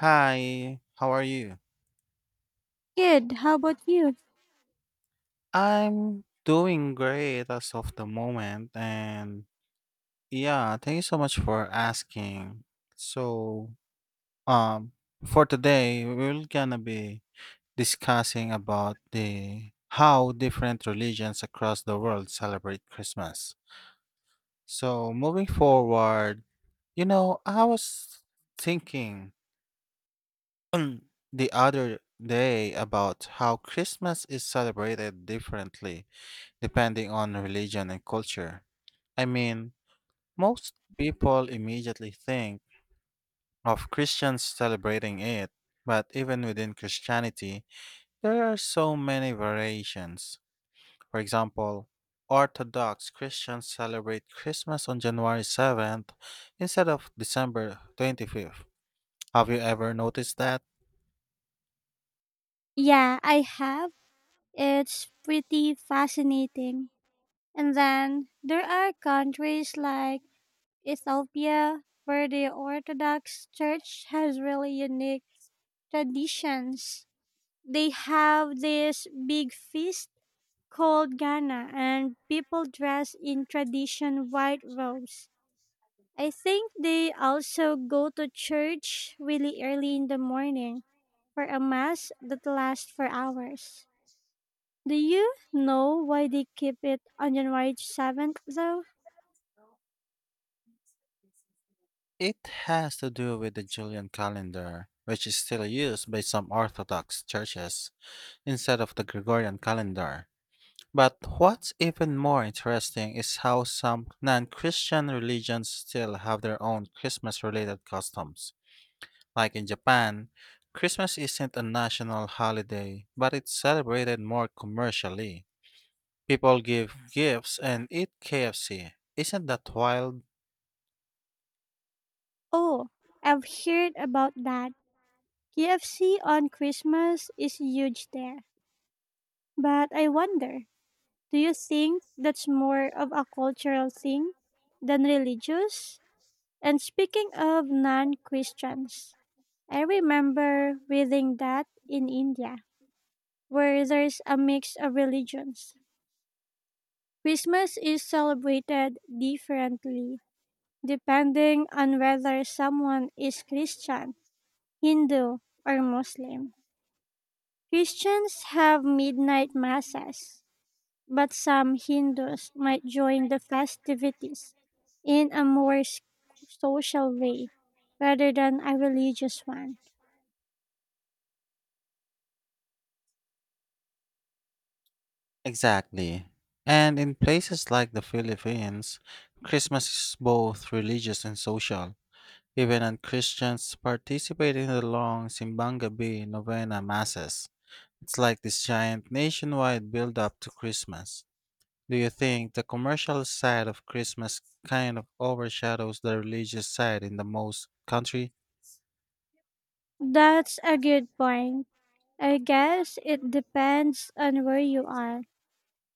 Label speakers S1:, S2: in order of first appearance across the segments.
S1: Hi, how are you?
S2: Good. How about you?
S1: I'm doing great as of the moment, and yeah, thank you so much for asking. So, um, for today, we're gonna be discussing about the how different religions across the world celebrate Christmas. So, moving forward, I was thinking the other day about how Christmas is celebrated differently depending on religion and culture. I mean, most people immediately think of Christians celebrating it, but even within Christianity, there are so many variations. For example, Orthodox Christians celebrate Christmas on January 7th instead of December 25th. Have you ever noticed that?
S2: Yeah, I have. It's pretty fascinating. And then there are countries like Ethiopia where the Orthodox Church has really unique traditions. They have this big feast called Ghana and people dress in tradition white robes. I think they also go to church really early in the morning for a mass that lasts for hours. Do you know why they keep it on January 7th, though?
S1: It has to do with the Julian calendar, which is still used by some Orthodox churches instead of the Gregorian calendar. But what's even more interesting is how some non Christian religions still have their own Christmas related customs. Like in Japan, Christmas isn't a national holiday, but it's celebrated more commercially. People give gifts and eat KFC. Isn't that wild?
S2: Oh, I've heard about that. KFC on Christmas is huge there. But I wonder, do you think that's more of a cultural thing than religious? And speaking of non Christians, I remember reading that in India, where there's a mix of religions. Christmas is celebrated differently depending on whether someone is Christian, Hindu, or Muslim. Christians have midnight masses, but some Hindus might join the festivities in a more social way rather than a religious one.
S1: Exactly. And in places like the Philippines, Christmas is both religious and social. Even non-Christians participate in the long Simbang Gabi novena masses. It's like this giant nationwide build-up to Christmas. Do you think the commercial side of Christmas kind of overshadows the religious side in the most country?
S2: That's a good point. I guess it depends on where you are.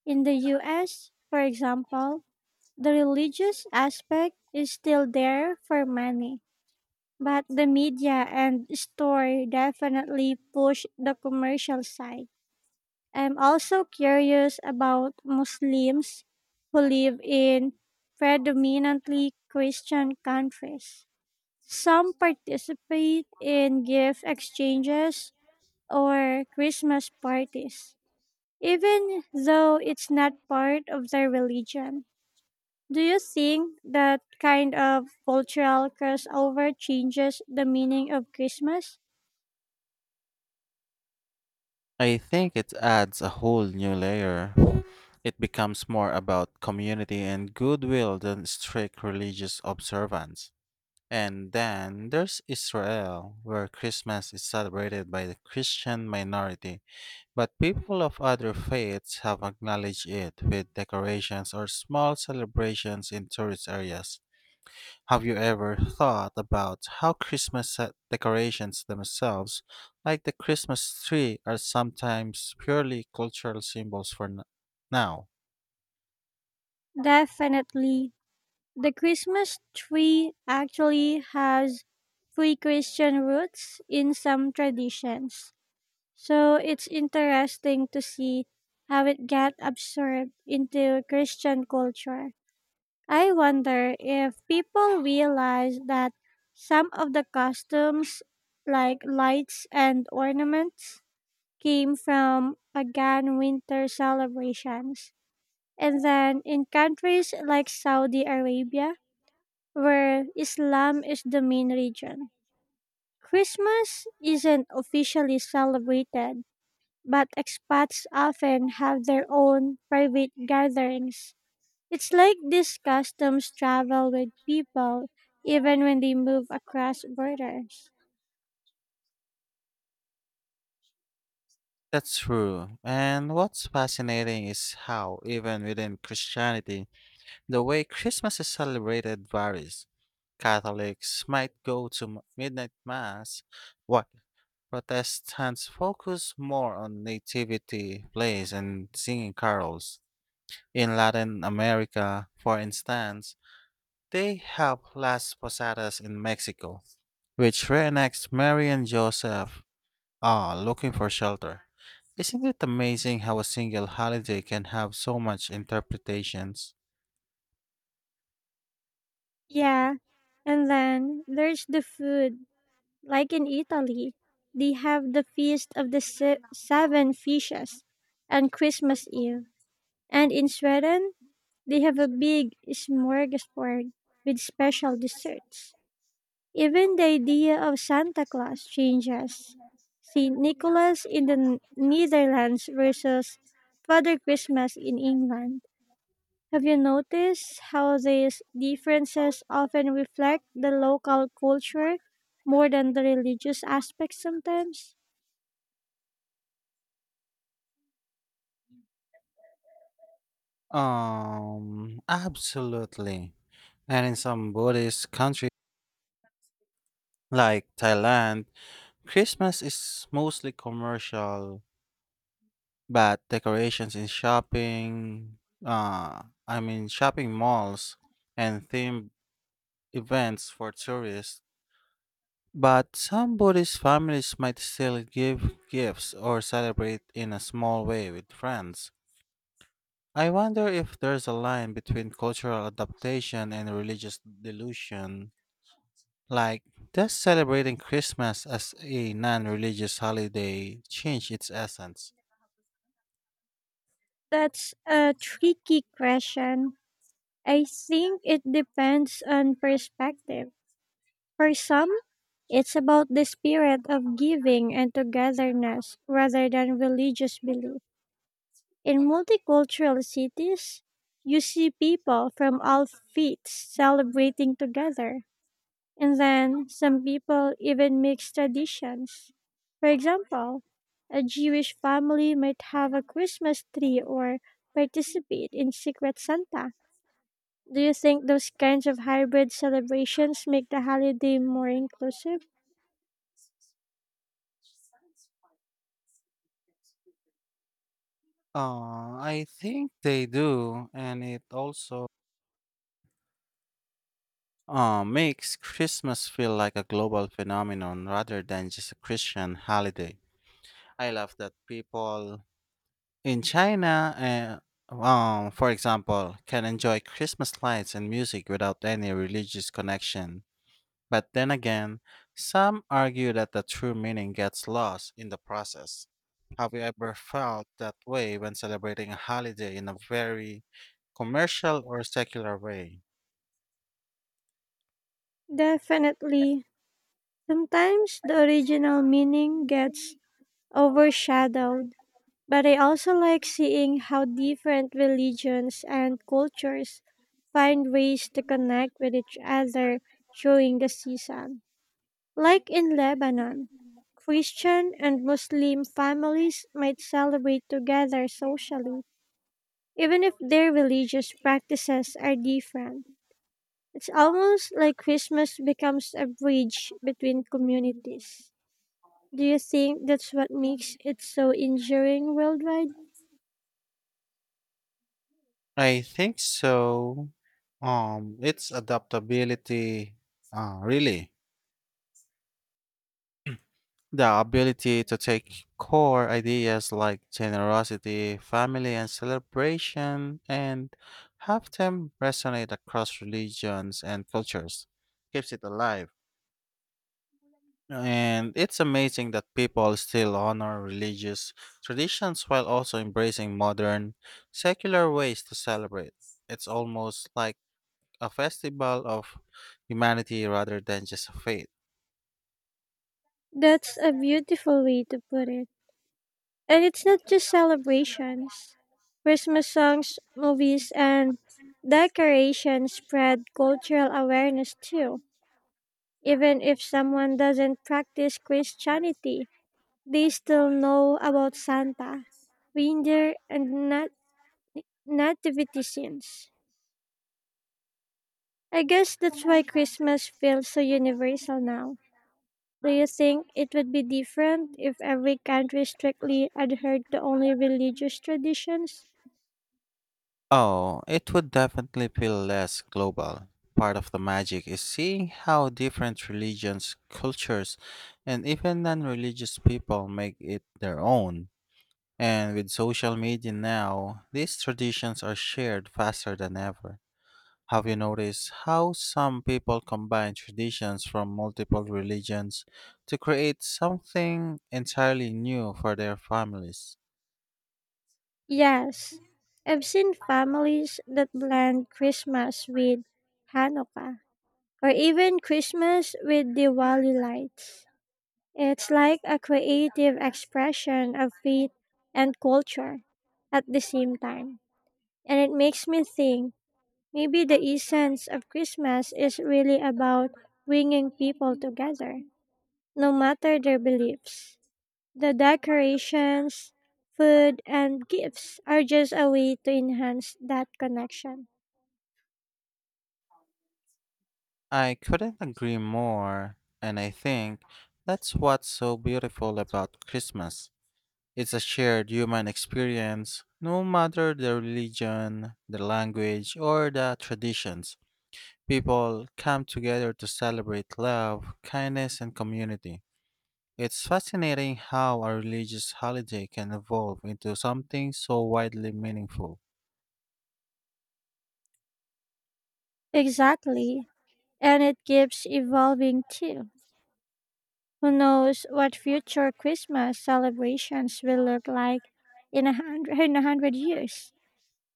S2: In the US, for example, the religious aspect is still there for many, but the media and store definitely push the commercial side. I'm also curious about Muslims who live in predominantly Christian countries. Some participate in gift exchanges or Christmas parties, even though it's not part of their religion. Do you think that kind of cultural crossover changes the meaning of Christmas?
S1: I think it adds a whole new layer. It becomes more about community and goodwill than strict religious observance. And then there's Israel, where Christmas is celebrated by the Christian minority. But people of other faiths have acknowledged it with decorations or small celebrations in tourist areas. Have you ever thought about how decorations themselves, like the Christmas tree, are sometimes purely cultural symbols for now?
S2: Definitely. The Christmas tree actually has pre Christian roots in some traditions. So it's interesting to see how it got absorbed into Christian culture. I wonder if people realize that some of the costumes, like lights and ornaments, came from pagan winter celebrations. And then in countries like Saudi Arabia, where Islam is the main religion, Christmas isn't officially celebrated, but expats often have their own private gatherings. It's like these customs travel with people even when they move across borders.
S1: That's true. And what's fascinating is how, even within Christianity, the way Christmas is celebrated varies. Catholics might go to midnight mass, while Protestants focus more on nativity plays and singing carols. In Latin America, for instance, they have Las Posadas in Mexico, which reenacts Mary and Joseph looking for shelter. Isn't it amazing how a single holiday can have so much interpretations?
S2: Yeah, and then there's the food. Like in Italy, they have the Feast of the Seven Fishes on Christmas Eve. And in Sweden, they have a big smorgasbord with special desserts. Even the idea of Santa Claus changes. St. Nicholas in the Netherlands versus Father Christmas in England. Have you noticed how these differences often reflect the local culture more than the religious aspect sometimes?
S1: Absolutely. And in some Buddhist countries like Thailand, Christmas is mostly commercial. But decorations in shopping, I mean shopping malls and themed events for tourists. But some Buddhist families might still give gifts or celebrate in a small way with friends. I wonder if there's a line between cultural adaptation and religious delusion. Like, does celebrating Christmas as a non religious holiday change its essence?
S2: That's a tricky question. I think it depends on perspective. For some, it's about the spirit of giving and togetherness rather than religious belief. In multicultural cities, you see people from all faiths celebrating together. And then some people even mix traditions. For example, a Jewish family might have a Christmas tree or participate in Secret Santa. Do you think those kinds of hybrid celebrations make the holiday more inclusive?
S1: I think they do, and it also makes Christmas feel like a global phenomenon rather than just a Christian holiday. I love that people in China, for example, can enjoy Christmas lights and music without any religious connection. But then again, some argue that the true meaning gets lost in the process. Have you ever felt that way when celebrating a holiday in a very commercial or secular way?
S2: Definitely. Sometimes the original meaning gets overshadowed. But I also like seeing how different religions and cultures find ways to connect with each other during the season. Like in Lebanon, Christian and Muslim families might celebrate together socially, even if their religious practices are different. It's almost like Christmas becomes a bridge between communities. Do you think that's what makes it so enduring worldwide?
S1: I think so. It's adaptability, really. The ability to take core ideas like generosity, family, and celebration and have them resonate across religions and cultures keeps it alive. And it's amazing that people still honor religious traditions while also embracing modern, secular ways to celebrate. It's almost like a festival of humanity rather than just a faith.
S2: That's a beautiful way to put it. And it's not just celebrations. Christmas songs, movies, and decorations spread cultural awareness too. Even if someone doesn't practice Christianity, they still know about Santa, reindeer, and nativity scenes. I guess that's why Christmas feels so universal now. Do you think it would be different if every country strictly adhered to only religious traditions?
S1: Oh, it would definitely feel less global. Part of the magic is seeing how different religions, cultures, and even non religious people make it their own. And with social media now, these traditions are shared faster than ever. Have you noticed how some people combine traditions from multiple religions to create something entirely new for their families?
S2: Yes. I've seen families that blend Christmas with Hanukkah or even Christmas with Diwali lights. It's like a creative expression of faith and culture at the same time. And it makes me think maybe the essence of Christmas is really about bringing people together, no matter their beliefs. The decorations, food, and gifts are just a way to enhance that connection.
S1: I couldn't agree more, and I think that's what's so beautiful about Christmas. It's a shared human experience, no matter the religion, the language, or the traditions. People come together to celebrate love, kindness, and community. It's fascinating how a religious holiday can evolve into something so widely meaningful.
S2: Exactly. And it keeps evolving too. Who knows what future Christmas celebrations will look like in a hundred, in a hundred years?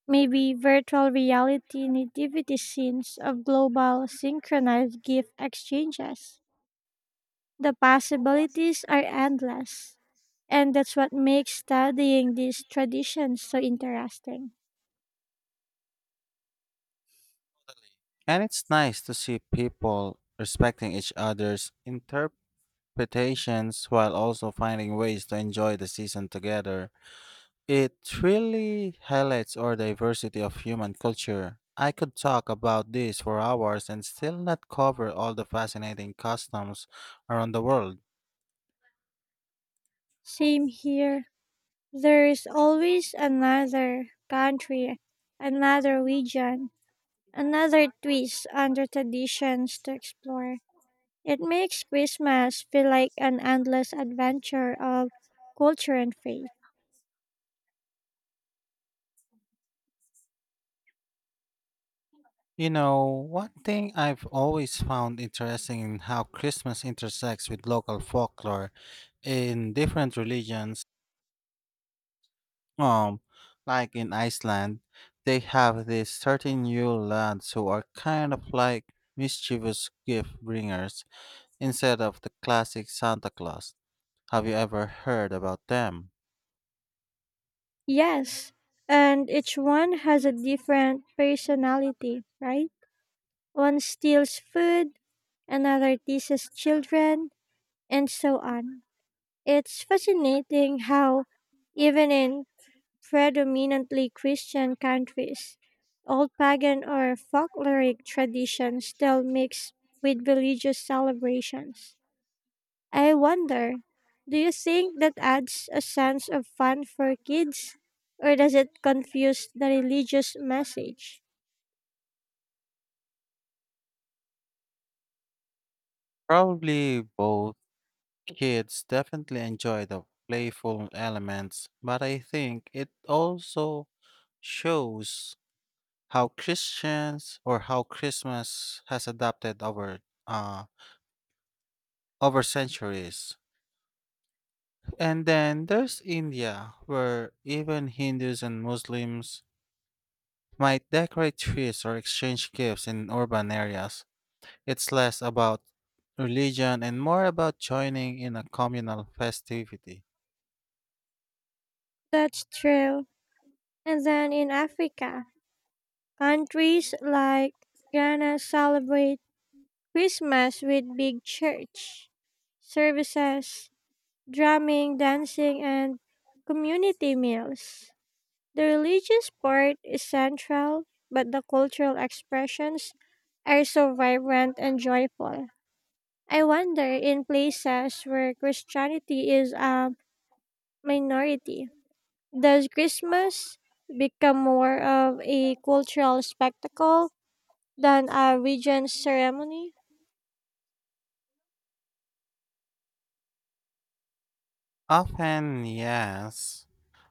S2: Maybe virtual reality nativity scenes of global synchronized gift exchanges. The possibilities are endless. And that's what makes studying these traditions so interesting.
S1: And it's nice to see people respecting each other's interpretation expectations while also finding ways to enjoy the season together. It really highlights our diversity of human culture. I could talk about this for hours and still not cover all the fascinating customs around the world.
S2: Same here. There is always another country, another region, another twist under traditions to explore. It makes Christmas feel like an endless adventure of culture and faith.
S1: You know, one thing I've always found interesting in how Christmas intersects with local folklore in different religions. Um, like in Iceland, they have these certain Yule lads who are kind of like mischievous gift bringers instead of the classic Santa Claus. Have you ever heard about them?
S2: Yes, and each one has a different personality, right? One steals food, another teases children, and so on. It's fascinating how, even in predominantly Christian countries, old pagan or folkloric traditions still mix with religious celebrations. I wonder, do you think that adds a sense of fun for kids, or does it confuse the religious message?
S1: Probably both. Kids definitely enjoy the playful elements, but I think it also shows how Christians or how Christmas has adapted uh over centuries. And then there's India, where even Hindus and Muslims might decorate trees or exchange gifts in urban areas. It's less about religion and more about joining in a communal festivity.
S2: That's true. And then in Africa, countries like Ghana celebrate Christmas with big church services, drumming, dancing, and community meals. The religious part is central, but the cultural expressions are so vibrant and joyful. I wonder, in places where Christianity is a minority, does Christmas become more of a cultural spectacle than a regent ceremony.
S1: Often, yes.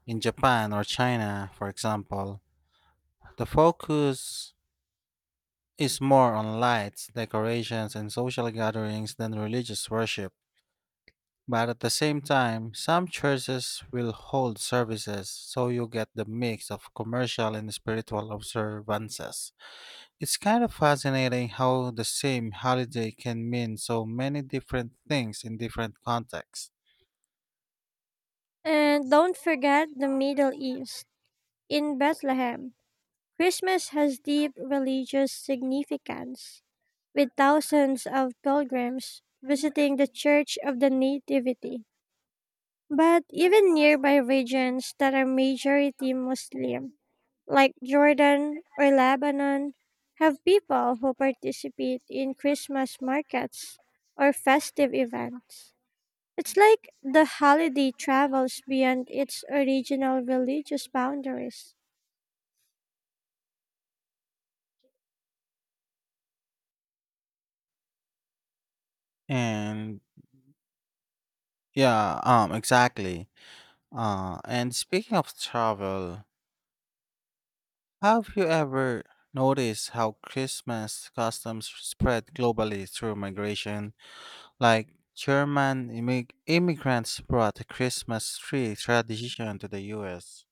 S1: In Japan or China, for example, the focus is more on lights, decorations, and social gatherings than religious worship. But at the same time, some churches will hold services, so you get the mix of commercial and spiritual observances. It's kind of fascinating how the same holiday can mean so many different things in different contexts.
S2: And don't forget the Middle East. In Bethlehem, Christmas has deep religious significance, with thousands of pilgrims visiting the Church of the Nativity. But even nearby regions that are majority Muslim, like Jordan or Lebanon, have people who participate in Christmas markets or festive events. It's like the holiday travels beyond its original religious boundaries,
S1: And yeah, exactly. And speaking of travel, have you ever noticed how Christmas customs spread globally through migration? Like German immigrants brought the Christmas tree tradition to the US,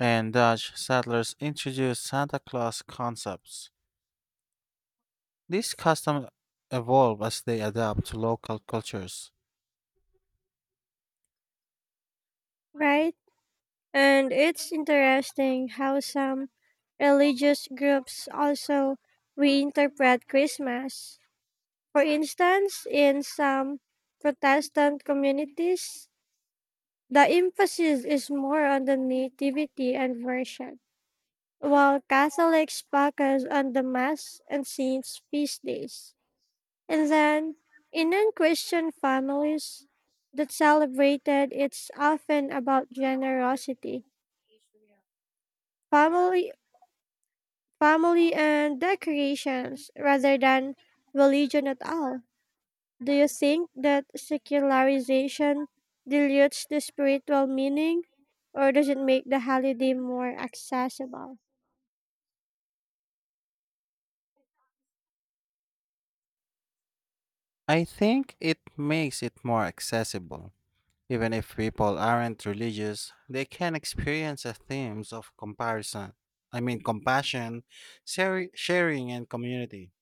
S1: and Dutch settlers introduced Santa Claus concepts. These customs evolve as they adapt to local cultures.
S2: right? And it's interesting how some religious groups also reinterpret Christmas. For instance, in some Protestant communities, the emphasis is more on the nativity and worship, while Catholics focus on the Mass and Saints' feast days. And then in Christian families that celebrated, it's often about generosity, family, family and decorations rather than religion at all. Do you think that secularization dilutes the spiritual meaning, or does it make the holiday more accessible?
S1: I think it makes it more accessible. Even if people aren't religious, they can experience the themes of comparison. I mean, compassion, sharing, and community.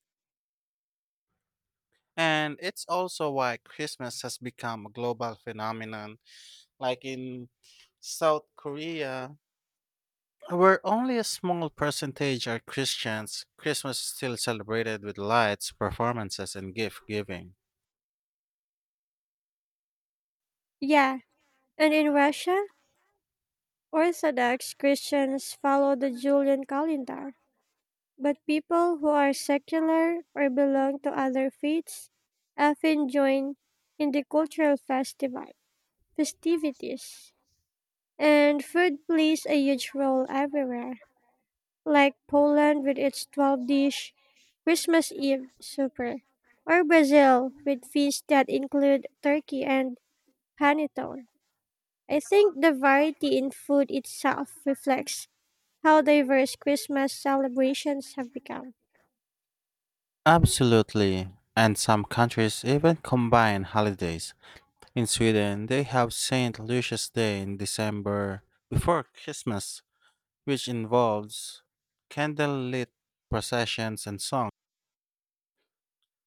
S1: And it's also why Christmas has become a global phenomenon. Like in South Korea, where only a small percentage are Christians, Christmas is still celebrated with lights, performances, and gift giving.
S2: Yeah, and in Russia, Orthodox Christians follow the Julian calendar, but people who are secular or belong to other faiths often join in the cultural festival festivities. And food plays a huge role everywhere, like Poland with its 12 dish Christmas Eve supper, or Brazil with feasts that include turkey and panettone. I think the variety in food itself reflects how diverse Christmas celebrations have become.
S1: Absolutely. And some countries even combine holidays. In Sweden, they have St. Lucia's Day in December before Christmas, which involves candlelit processions and songs.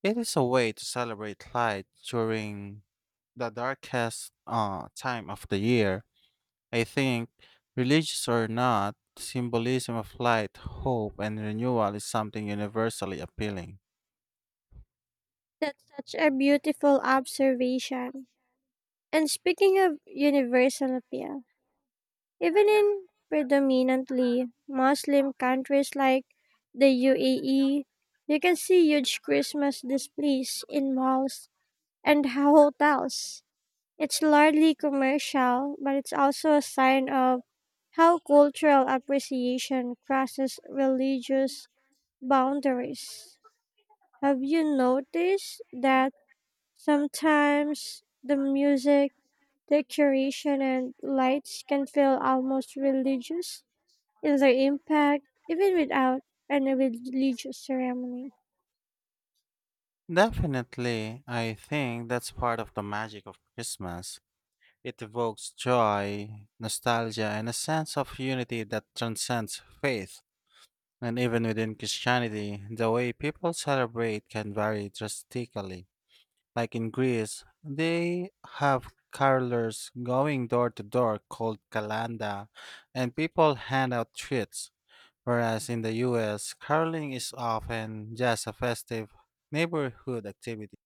S1: It is a way to celebrate light during the darkest time of the year. I think, religious or not, symbolism of light, hope, and renewal is something universally appealing.
S2: That's such a beautiful observation. And speaking of universal appeal, even in predominantly Muslim countries like the UAE, you can see huge Christmas displays in malls and hotels. It's largely commercial, but it's also a sign of how cultural appreciation crosses religious boundaries. Have you noticed that sometimes the music, decoration, and lights can feel almost religious in their impact, even without any religious ceremony?
S1: Definitely, I think that's part of the magic of Christmas. It evokes joy, nostalgia, and a sense of unity that transcends faith. And even within Christianity, the way people celebrate can vary drastically. Like in Greece, they have carolers going door to door called kalanda, and people hand out treats. Whereas in the US, caroling is often just a festive neighborhood activity.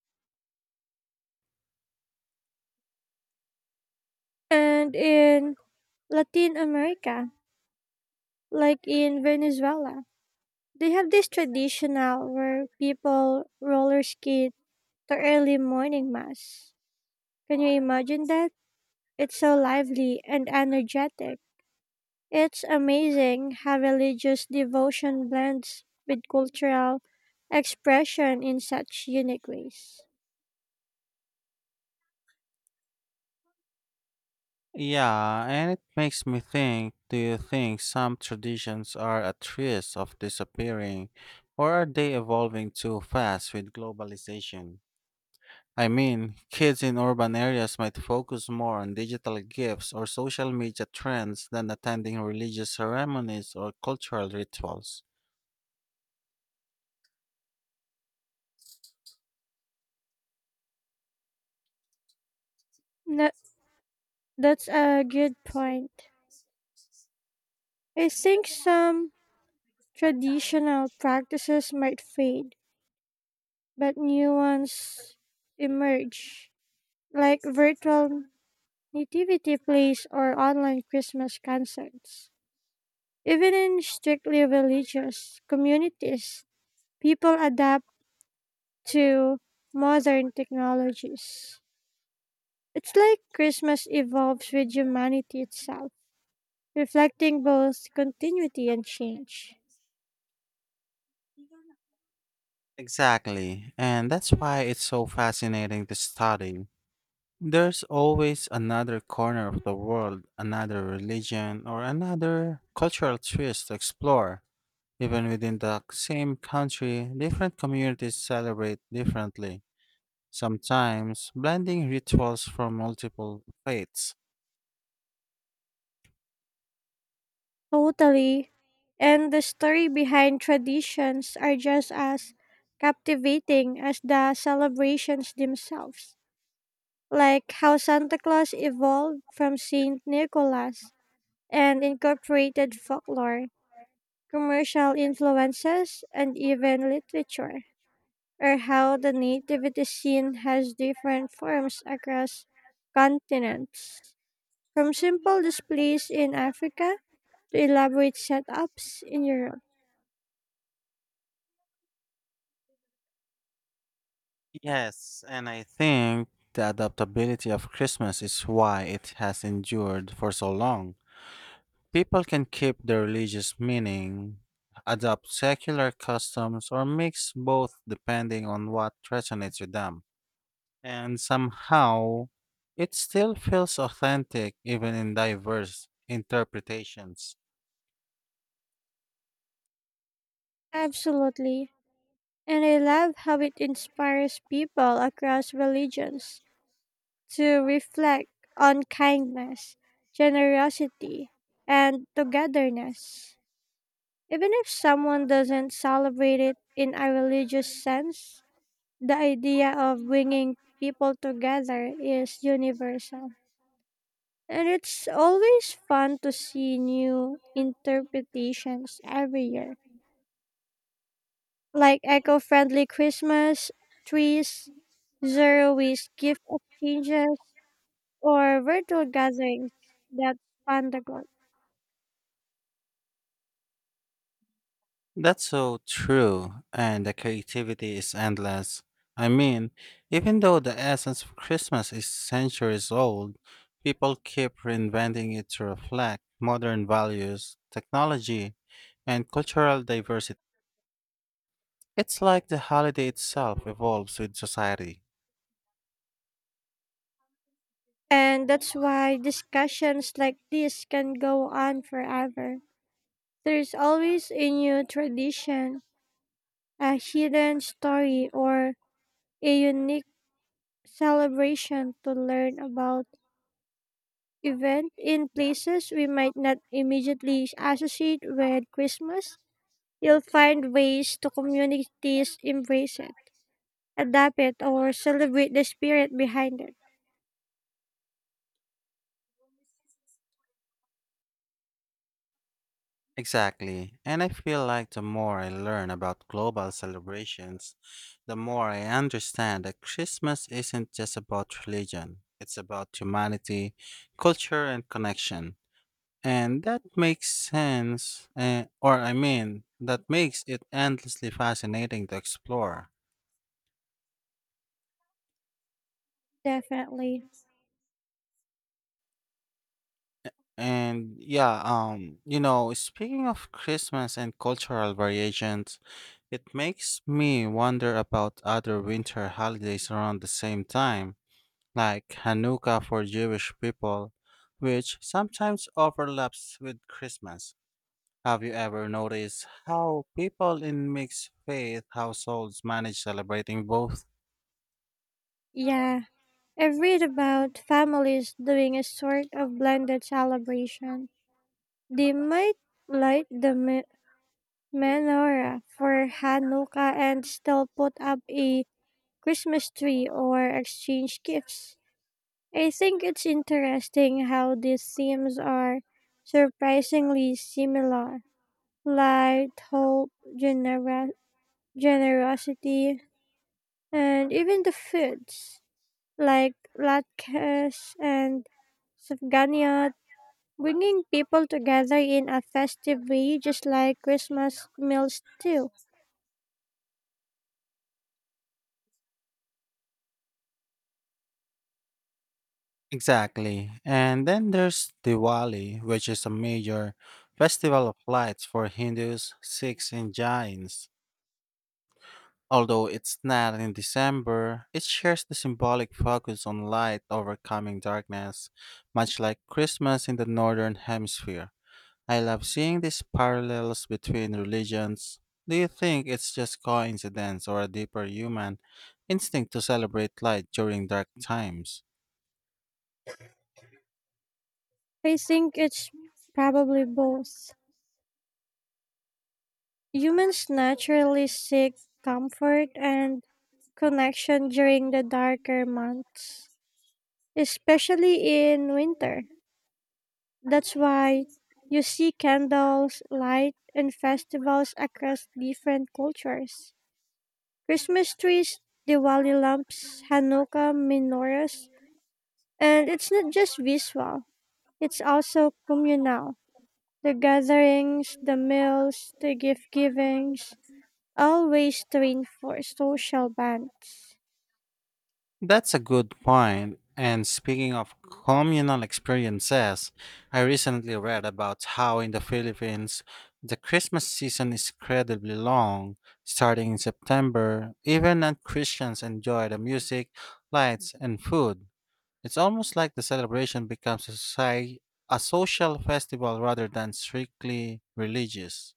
S2: And in Latin America, like in Venezuela, they have this traditional where people roller skate to early morning mass. Can you imagine that? It's so lively and energetic. It's amazing how religious devotion blends with cultural expression in such unique ways.
S1: Yeah, and it makes me think, do you think some traditions are at risk of disappearing, or are they evolving too fast with globalization? I mean, kids in urban areas might focus more on digital gifts or social media trends than attending religious ceremonies or cultural rituals.
S2: That, that's a good point. I think some traditional practices might fade, but new ones emerge, like virtual nativity plays or online Christmas concerts. Even in strictly religious communities, people adapt to modern technologies. It's like Christmas evolves with humanity itself, reflecting both continuity and change.
S1: Exactly, and that's why it's so fascinating to study. There's always another corner of the world, another religion, or another cultural twist to explore. Even within the same country, different communities celebrate differently, sometimes blending rituals from multiple faiths.
S2: Totally. And the story behind traditions are just as captivating as the celebrations themselves, like how Santa Claus evolved from Saint Nicholas and incorporated folklore, commercial influences, and even literature. Or how the nativity scene has different forms across continents, from simple displays in Africa to elaborate setups in Europe.
S1: Yes, and I think the adaptability of Christmas is why it has endured for so long. People can keep their religious meaning, adopt secular customs, or mix both depending on what resonates with them. And somehow, it still feels authentic even in diverse interpretations.
S2: Absolutely. And I love how it inspires people across religions to reflect on kindness, generosity, and togetherness. Even if someone doesn't celebrate it in a religious sense, the idea of bringing people together is universal. And it's always fun to see new interpretations every year, like eco friendly Christmas trees, zero waste gift exchanges, or virtual gatherings that span the globe.
S1: That's so true, and the creativity is endless. I mean, even though the essence of Christmas is centuries old, people keep reinventing it to reflect modern values, technology, and cultural diversity. It's like the holiday itself evolves with society.
S2: And that's why discussions like this can go on forever. There's always a new tradition, a hidden story, or a unique celebration to learn about, event in places we might not immediately associate with Christmas. You'll find ways to communities embrace it, adapt it, or celebrate the spirit behind it.
S1: Exactly. And I feel like the more I learn about global celebrations, the more I understand that Christmas isn't just about religion, it's about humanity, culture, and connection. And that makes sense, that makes it endlessly fascinating to explore.
S2: Definitely.
S1: And speaking of Christmas and cultural variations, it makes me wonder about other winter holidays around the same time, like Hanukkah for Jewish people, which sometimes overlaps with Christmas. Have you ever noticed how people in mixed faith households manage celebrating both?
S2: Yeah. I've read about families doing a sort of blended celebration. They might light the menorah for Hanukkah and still put up a Christmas tree or exchange gifts. I think it's interesting how these themes are surprisingly similar: light, hope, genera- generosity, and even the foods like latkes and safganiyat, bringing people together in a festive way, just like Christmas meals do.
S1: Exactly. And then there's Diwali, which is a major festival of lights for Hindus, Sikhs, and Jains. Although it's not in December, it shares the symbolic focus on light overcoming darkness, much like Christmas in the Northern Hemisphere. I love seeing these parallels between religions. Do you think it's just coincidence or a deeper human instinct to celebrate light during dark times?
S2: I think it's probably both. Humans naturally seek comfort and connection during the darker months, especially in winter. That's why you see candles, light, and festivals across different cultures. Christmas trees, Diwali lamps, Hanukkah menorahs, and it's not just visual, it's also communal. The gatherings, the meals, the gift givings, always reinforce social bonds.
S1: That's a good point. And speaking of communal experiences, I recently read about how in the Philippines, the Christmas season is incredibly long, starting in September. Even non Christians enjoy the music, lights, and food. It's almost like the celebration becomes a social festival rather than strictly religious.